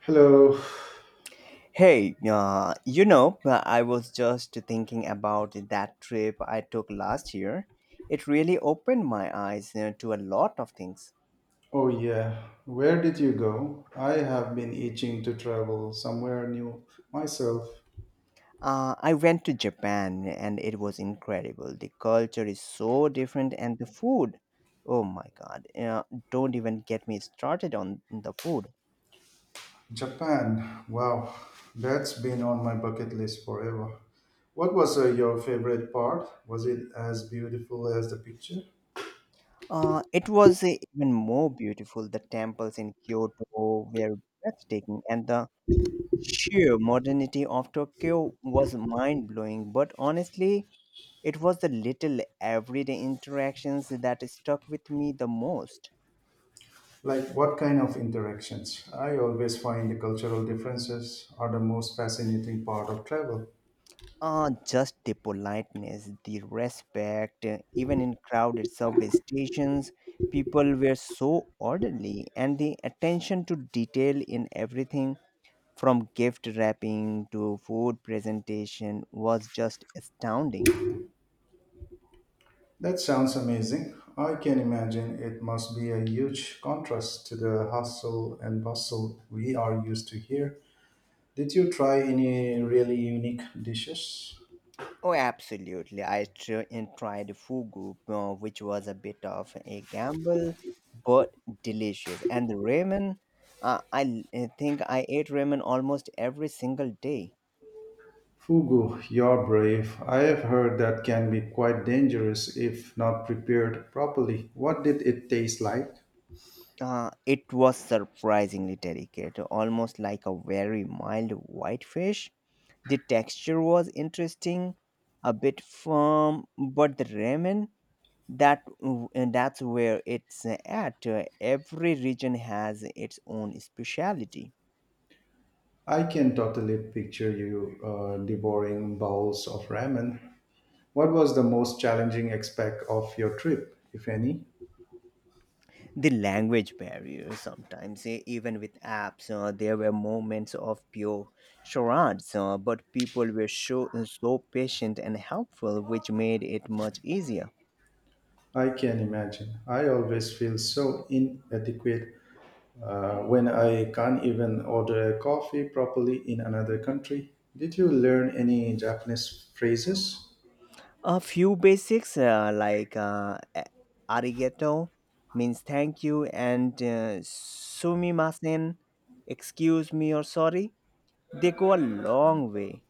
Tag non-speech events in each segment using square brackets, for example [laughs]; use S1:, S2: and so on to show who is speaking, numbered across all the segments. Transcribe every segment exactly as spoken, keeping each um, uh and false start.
S1: Hello.
S2: Hey, uh, you know, uh, I was just thinking about that trip I took last year. It really opened my eyes uh, to a lot of things.
S1: Oh, yeah. Where did you go? I have been itching to travel somewhere new myself.
S2: Uh, I went to Japan, and it was incredible. The culture is so different, and the food. Oh my God. Uh, don't even get me started on the food.
S1: Japan. Wow. That's been on my bucket list forever. What was uh, your favorite part? Was it as beautiful as the picture?
S2: Uh, it was uh, even more beautiful. The temples in Kyoto were breathtaking, and the sheer modernity of Tokyo was mind blowing, but honestly, it was the little everyday interactions that stuck with me the most.
S1: Like, what kind of interactions? I always find the cultural differences are the most fascinating part of travel.
S2: Ah, just the politeness, the respect, uh, even in crowded subway stations, people were so orderly, and the attention to detail in everything from gift wrapping to food presentation was just astounding.
S1: That sounds amazing. I can imagine it must be a huge contrast to the hustle and bustle we are used to here. Did you try any really unique dishes?
S2: Oh, absolutely. I tr- and tried fugu, uh, which was a bit of a gamble, but delicious. And the ramen, uh, I l- I think I ate ramen almost every single day.
S1: Fugu, you're brave. I have heard that can be quite dangerous if not prepared properly. What did it taste like?
S2: Uh, it was surprisingly delicate, almost like a very mild white fish. The texture was interesting, a bit firm, but the ramen that and that's where it's at. Every region has its own speciality.
S1: I can totally picture you uh, devouring bowls of ramen. What was the most challenging aspect of your trip, if any?
S2: The language barrier sometimes, eh, even with apps, uh, there were moments of pure charades, uh, but people were so, so patient and helpful, which made it much easier.
S1: I can imagine. I always feel so inadequate uh, when I can't even order coffee properly in another country. Did you learn any Japanese phrases?
S2: A few basics, uh, like uh, a- arigato means thank you, and uh, sumimasen excuse me or sorry. They go a long way.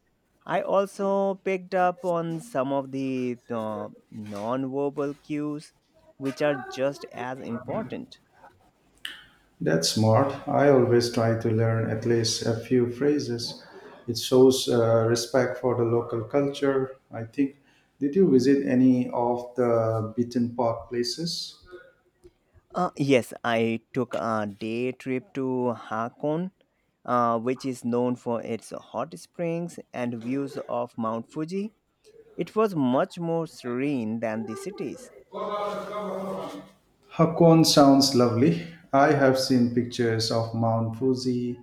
S2: I also picked up on some of the uh, non-verbal cues, which are just as important.
S1: That's smart. I always try to learn at least a few phrases. It shows uh, respect for the local culture, I think. Did you visit any of the beaten path places?
S2: Uh, yes, I took a day trip to Hakone, uh, which is known for its hot springs and views of Mount Fuji. It was much more serene than the cities.
S1: Hakone sounds lovely. I have seen pictures of Mount Fuji.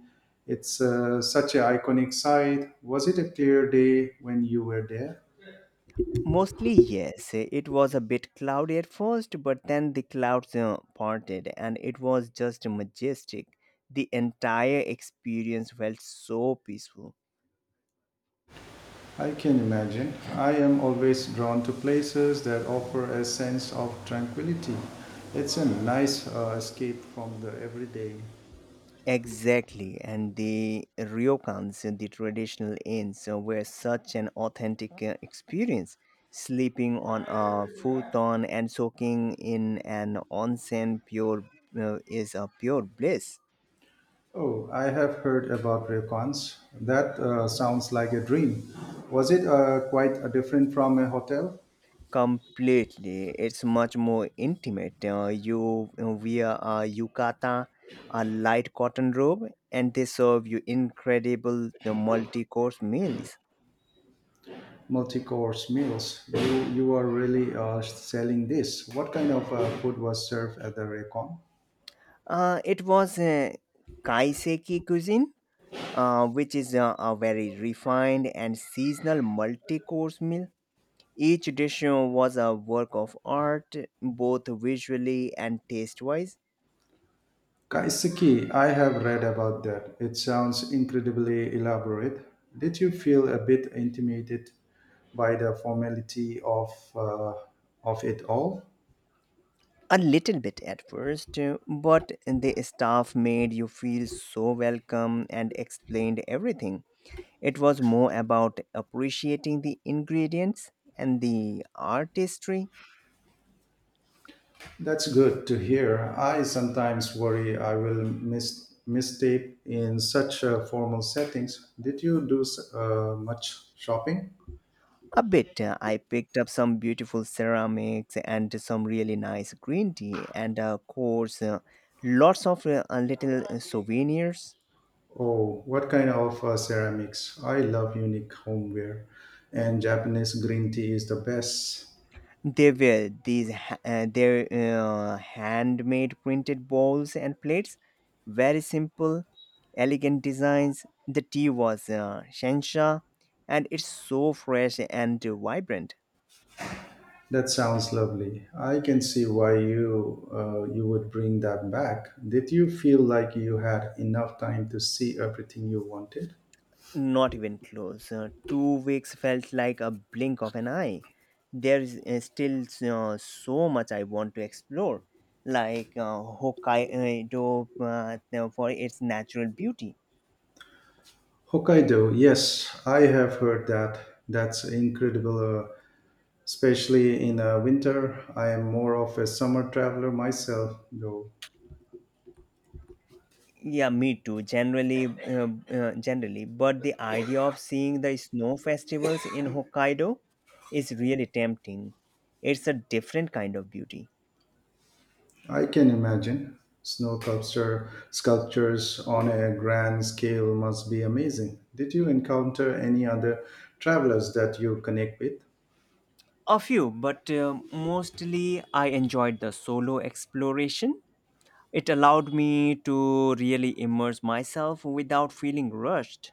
S1: It's uh, such an iconic sight. Was it a clear day when you were there?
S2: Mostly, yes. It was a bit cloudy at first, but then the clouds uh, parted, and it was just majestic. The entire experience felt so peaceful.
S1: I can imagine. I am always drawn to places that offer a sense of tranquility. It's a nice uh, escape from the everyday.
S2: Exactly, and the ryokans, uh, the traditional inns, uh, were such an authentic uh, experience. Sleeping on a futon and soaking in an onsen pure uh, is a pure bliss.
S1: Oh, I have heard about ryokans. That uh, sounds like a dream. Was it uh, quite uh, different from a hotel?
S2: Completely, it's much more intimate. Uh, you wear a yukata, a light cotton robe, and they serve you incredible the multi-course meals.
S1: Multi-course meals. You you are really uh, selling this. What kind of uh, food was served at the recon?
S2: Uh, it was uh, kaiseki cuisine, uh, which is uh, a very refined and seasonal multi-course meal. Each dish uh, was a work of art, both visually and taste-wise.
S1: Kaiseki, I have read about that. It sounds incredibly elaborate. Did you feel a bit intimidated by the formality of uh, of it all?
S2: A little bit at first, uh, but the staff made you feel so welcome and explained everything. It was more about appreciating the ingredients and the artistry.
S1: That's good to hear. I sometimes worry I will miss mistake in such uh, formal settings. Did you do s- uh, much shopping?
S2: A bit, uh, I picked up some beautiful ceramics and some really nice green tea, and of course, uh, lots of uh, little uh, souvenirs.
S1: Oh, what kind of uh, ceramics? I love unique homeware, and Japanese green tea is the best.
S2: They were these ha- uh, their uh, handmade printed bowls and plates, very simple, elegant designs. The tea was uh, Shensha, and it's so fresh and vibrant.
S1: That sounds lovely. I can see why you uh, you would bring that back. Did you feel like you had enough time to see everything you wanted?
S2: Not even close. Uh, two weeks felt like a blink of an eye. There is uh, still uh, so much I want to explore, like uh, Hokkaido, uh, for its natural beauty.
S1: Hokkaido, yes, I have heard that. That's incredible, uh, especially in uh, winter. I am more of a summer traveler myself, though.
S2: Yeah, me too. Generally, uh, uh, generally, but the idea of seeing the snow festivals in Hokkaido is really tempting. It's a different kind of beauty.
S1: I can imagine. Snow sculpture, sculptures on a grand scale must be amazing. Did you encounter any other travelers that you connect with?
S2: A few, but uh, mostly I enjoyed the solo exploration. It allowed me to really immerse myself without feeling rushed.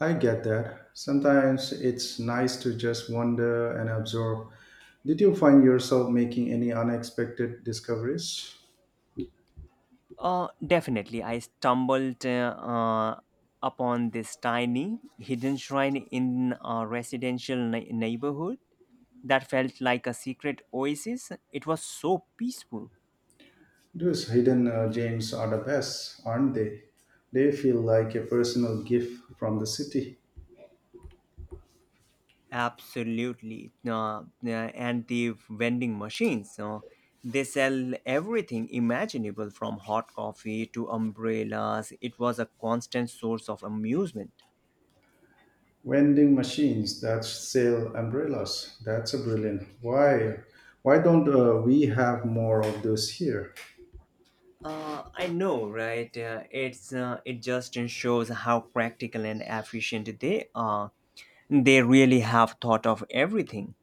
S1: I get that. Sometimes it's nice to just wander and observe. Did you find yourself making any unexpected discoveries?
S2: Uh, definitely. I stumbled uh, uh, upon this tiny hidden shrine in a residential nei- neighborhood that felt like a secret oasis. It was so peaceful.
S1: Those hidden uh, gems are the best, aren't they? They feel like a personal gift from the city.
S2: Absolutely. Uh, uh, and the vending machines. Uh, they sell everything imaginable, from hot coffee to umbrellas. It was a constant source of amusement.
S1: Vending machines that sell umbrellas. That's a brilliant. Why, why don't uh, we have more of those here?
S2: Uh, I know, right? Uh, it's uh, it just uh, shows how practical and efficient they are. They really have thought of everything.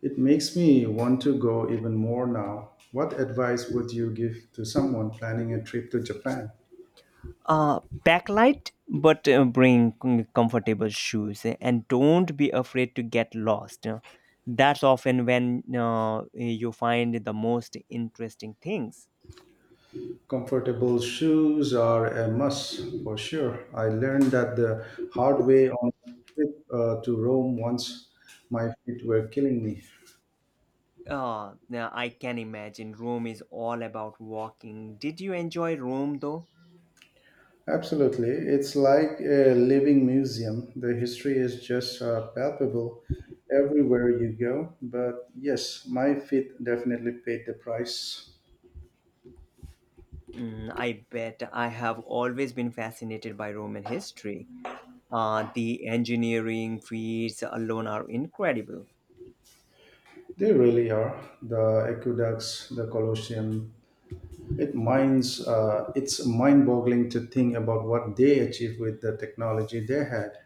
S1: It makes me want to go even more now. What advice would you give to someone planning a trip to Japan?
S2: Uh, backlight, but uh, bring com- comfortable shoes, eh, and don't be afraid to get lost. uh. That's often when uh, you find the most interesting things.
S1: Comfortable shoes are a must for sure. I learned that the hard way on a trip uh, to Rome once. My feet were killing me.
S2: Uh, now I can imagine Rome is all about walking. Did you enjoy Rome though?
S1: Absolutely. It's like a living museum. The history is just uh, palpable everywhere you go. But yes, my feet definitely paid the price.
S2: Mm, I bet. I have always been fascinated by Roman history. Uh, the engineering feats alone are incredible.
S1: They really are. The aqueducts, the Colosseum. It minds, uh, it's mind boggling to think about what they achieved with the technology they had.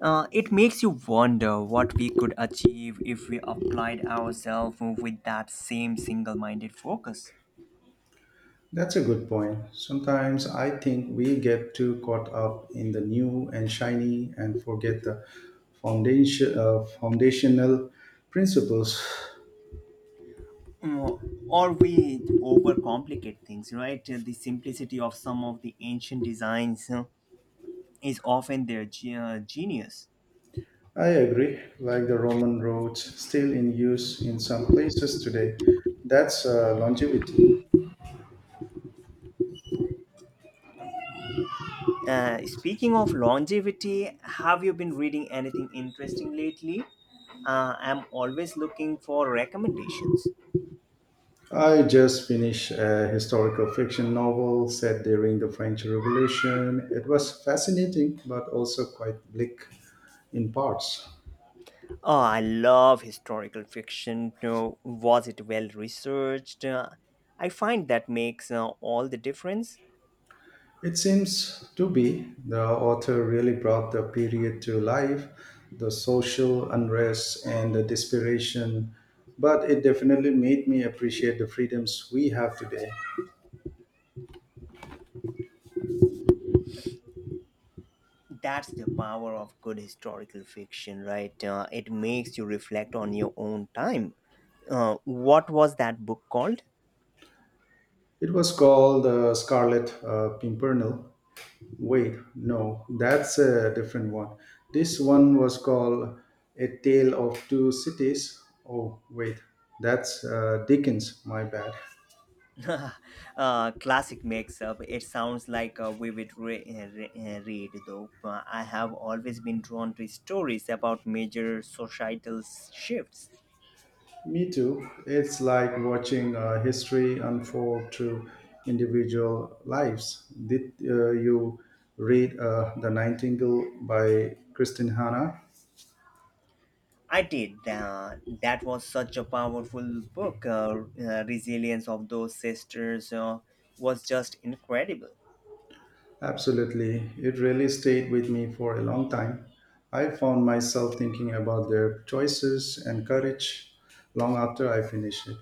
S2: Uh, it makes you wonder what we could achieve if we applied ourselves with that same single minded focus.
S1: That's a good point. Sometimes I think we get too caught up in the new and shiny and forget the foundation, uh, foundational principles.
S2: Mm, Or we overcomplicate things, right? The simplicity of some of the ancient designs uh, is often their ge- uh, genius.
S1: I agree, like the Roman roads still in use in some places today. That's uh, longevity.
S2: Uh, speaking of longevity, have you been reading anything interesting lately? Uh, I'm always looking for recommendations.
S1: I just finished a historical fiction novel set during the French Revolution. It was fascinating but also quite bleak in parts.
S2: Oh, I love historical fiction. No, was it well researched? Uh, I find that makes uh, all the difference.
S1: It seems to be. The author really brought the period to life, the social unrest and the desperation, but it definitely made me appreciate the freedoms we have today.
S2: That's the power of good historical fiction, right? Uh, it makes you reflect on your own time. Uh, what was that book called?
S1: It was called uh, Scarlet uh, Pimpernel. Wait, no, that's a different one. This one was called A Tale of Two Cities. Oh, wait, that's uh, Dickens, my bad. [laughs]
S2: [laughs] Uh, classic makes up. It sounds like a vivid re- eh, re- uh, read, though. Uh, I have always been drawn to stories about major societal shifts.
S1: Me too. It's like watching uh, history unfold through individual lives. Did uh, you read uh, The Nightingale by Kristin Hanna?
S2: I did. Uh, that was such a powerful book. Uh, uh, Resilience of Those Sisters uh, was just incredible.
S1: Absolutely. It really stayed with me for a long time. I found myself thinking about their choices and courage long after I finished it.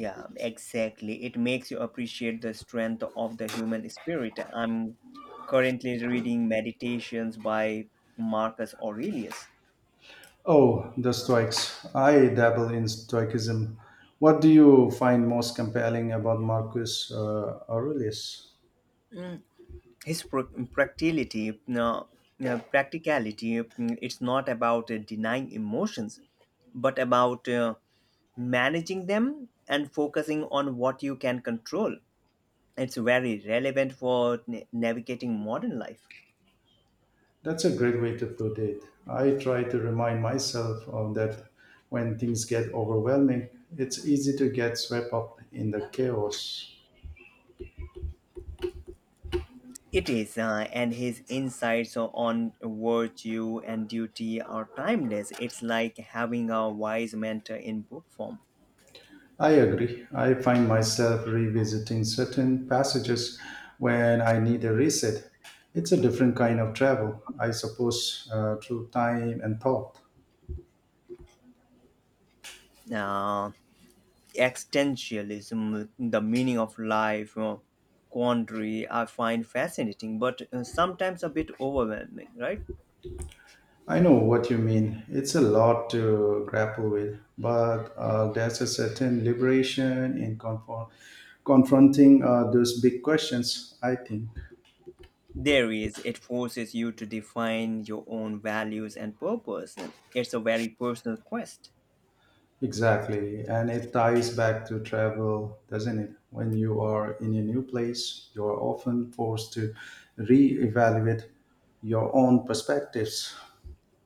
S2: Yeah, exactly. It makes you appreciate the strength of the human spirit. I'm currently reading Meditations by Marcus Aurelius.
S1: Oh, the Stoics. I dabble in Stoicism. What do you find most compelling about Marcus uh, Aurelius?
S2: his pr- practicality, uh, uh, practicality, uh, it's not about uh, denying emotions, but about uh, managing them and focusing on what you can control. It's very relevant for na- navigating modern life.
S1: That's a great way to put it. I try to remind myself of that when things get overwhelming, it's easy to get swept up in the chaos.
S2: It is, uh, and his insights on virtue and duty are timeless. It's like having a wise mentor in book form.
S1: I agree. I find myself revisiting certain passages when I need a reset. It's a different kind of travel, I suppose, uh, through time and thought.
S2: Uh, Existentialism, the meaning of life, uh, quandary, I find fascinating, but uh, sometimes a bit overwhelming, right?
S1: I know what you mean. It's a lot to grapple with, but uh, there's a certain liberation in confront confronting uh, those big questions, I think.
S2: There is, it forces you to define your own values and purpose. It's a very personal quest.
S1: Exactly. And it ties back to travel, doesn't it? When you are in a new place, you're often forced to reevaluate your own perspectives.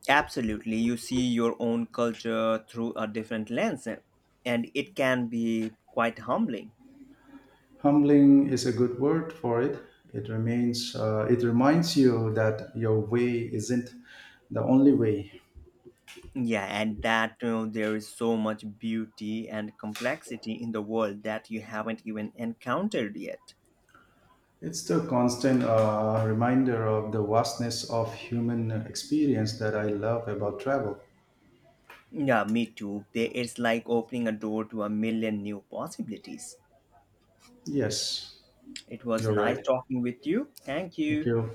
S2: Absolutely, you see your own culture through a different lens, uh, and it can be quite humbling.
S1: Humbling is a good word for it. It remains, uh, it reminds you that your way isn't the only way.
S2: Yeah, and that you know—there there is so much beauty and complexity in the world that you haven't even encountered yet.
S1: It's the constant uh, reminder of the vastness of human experience that I love about travel.
S2: Yeah, me too. They- It's like opening a door to a million new possibilities.
S1: Yes,
S2: It was
S1: you're
S2: nice
S1: right.
S2: talking with you. Thank
S1: Thank
S2: you.
S1: you.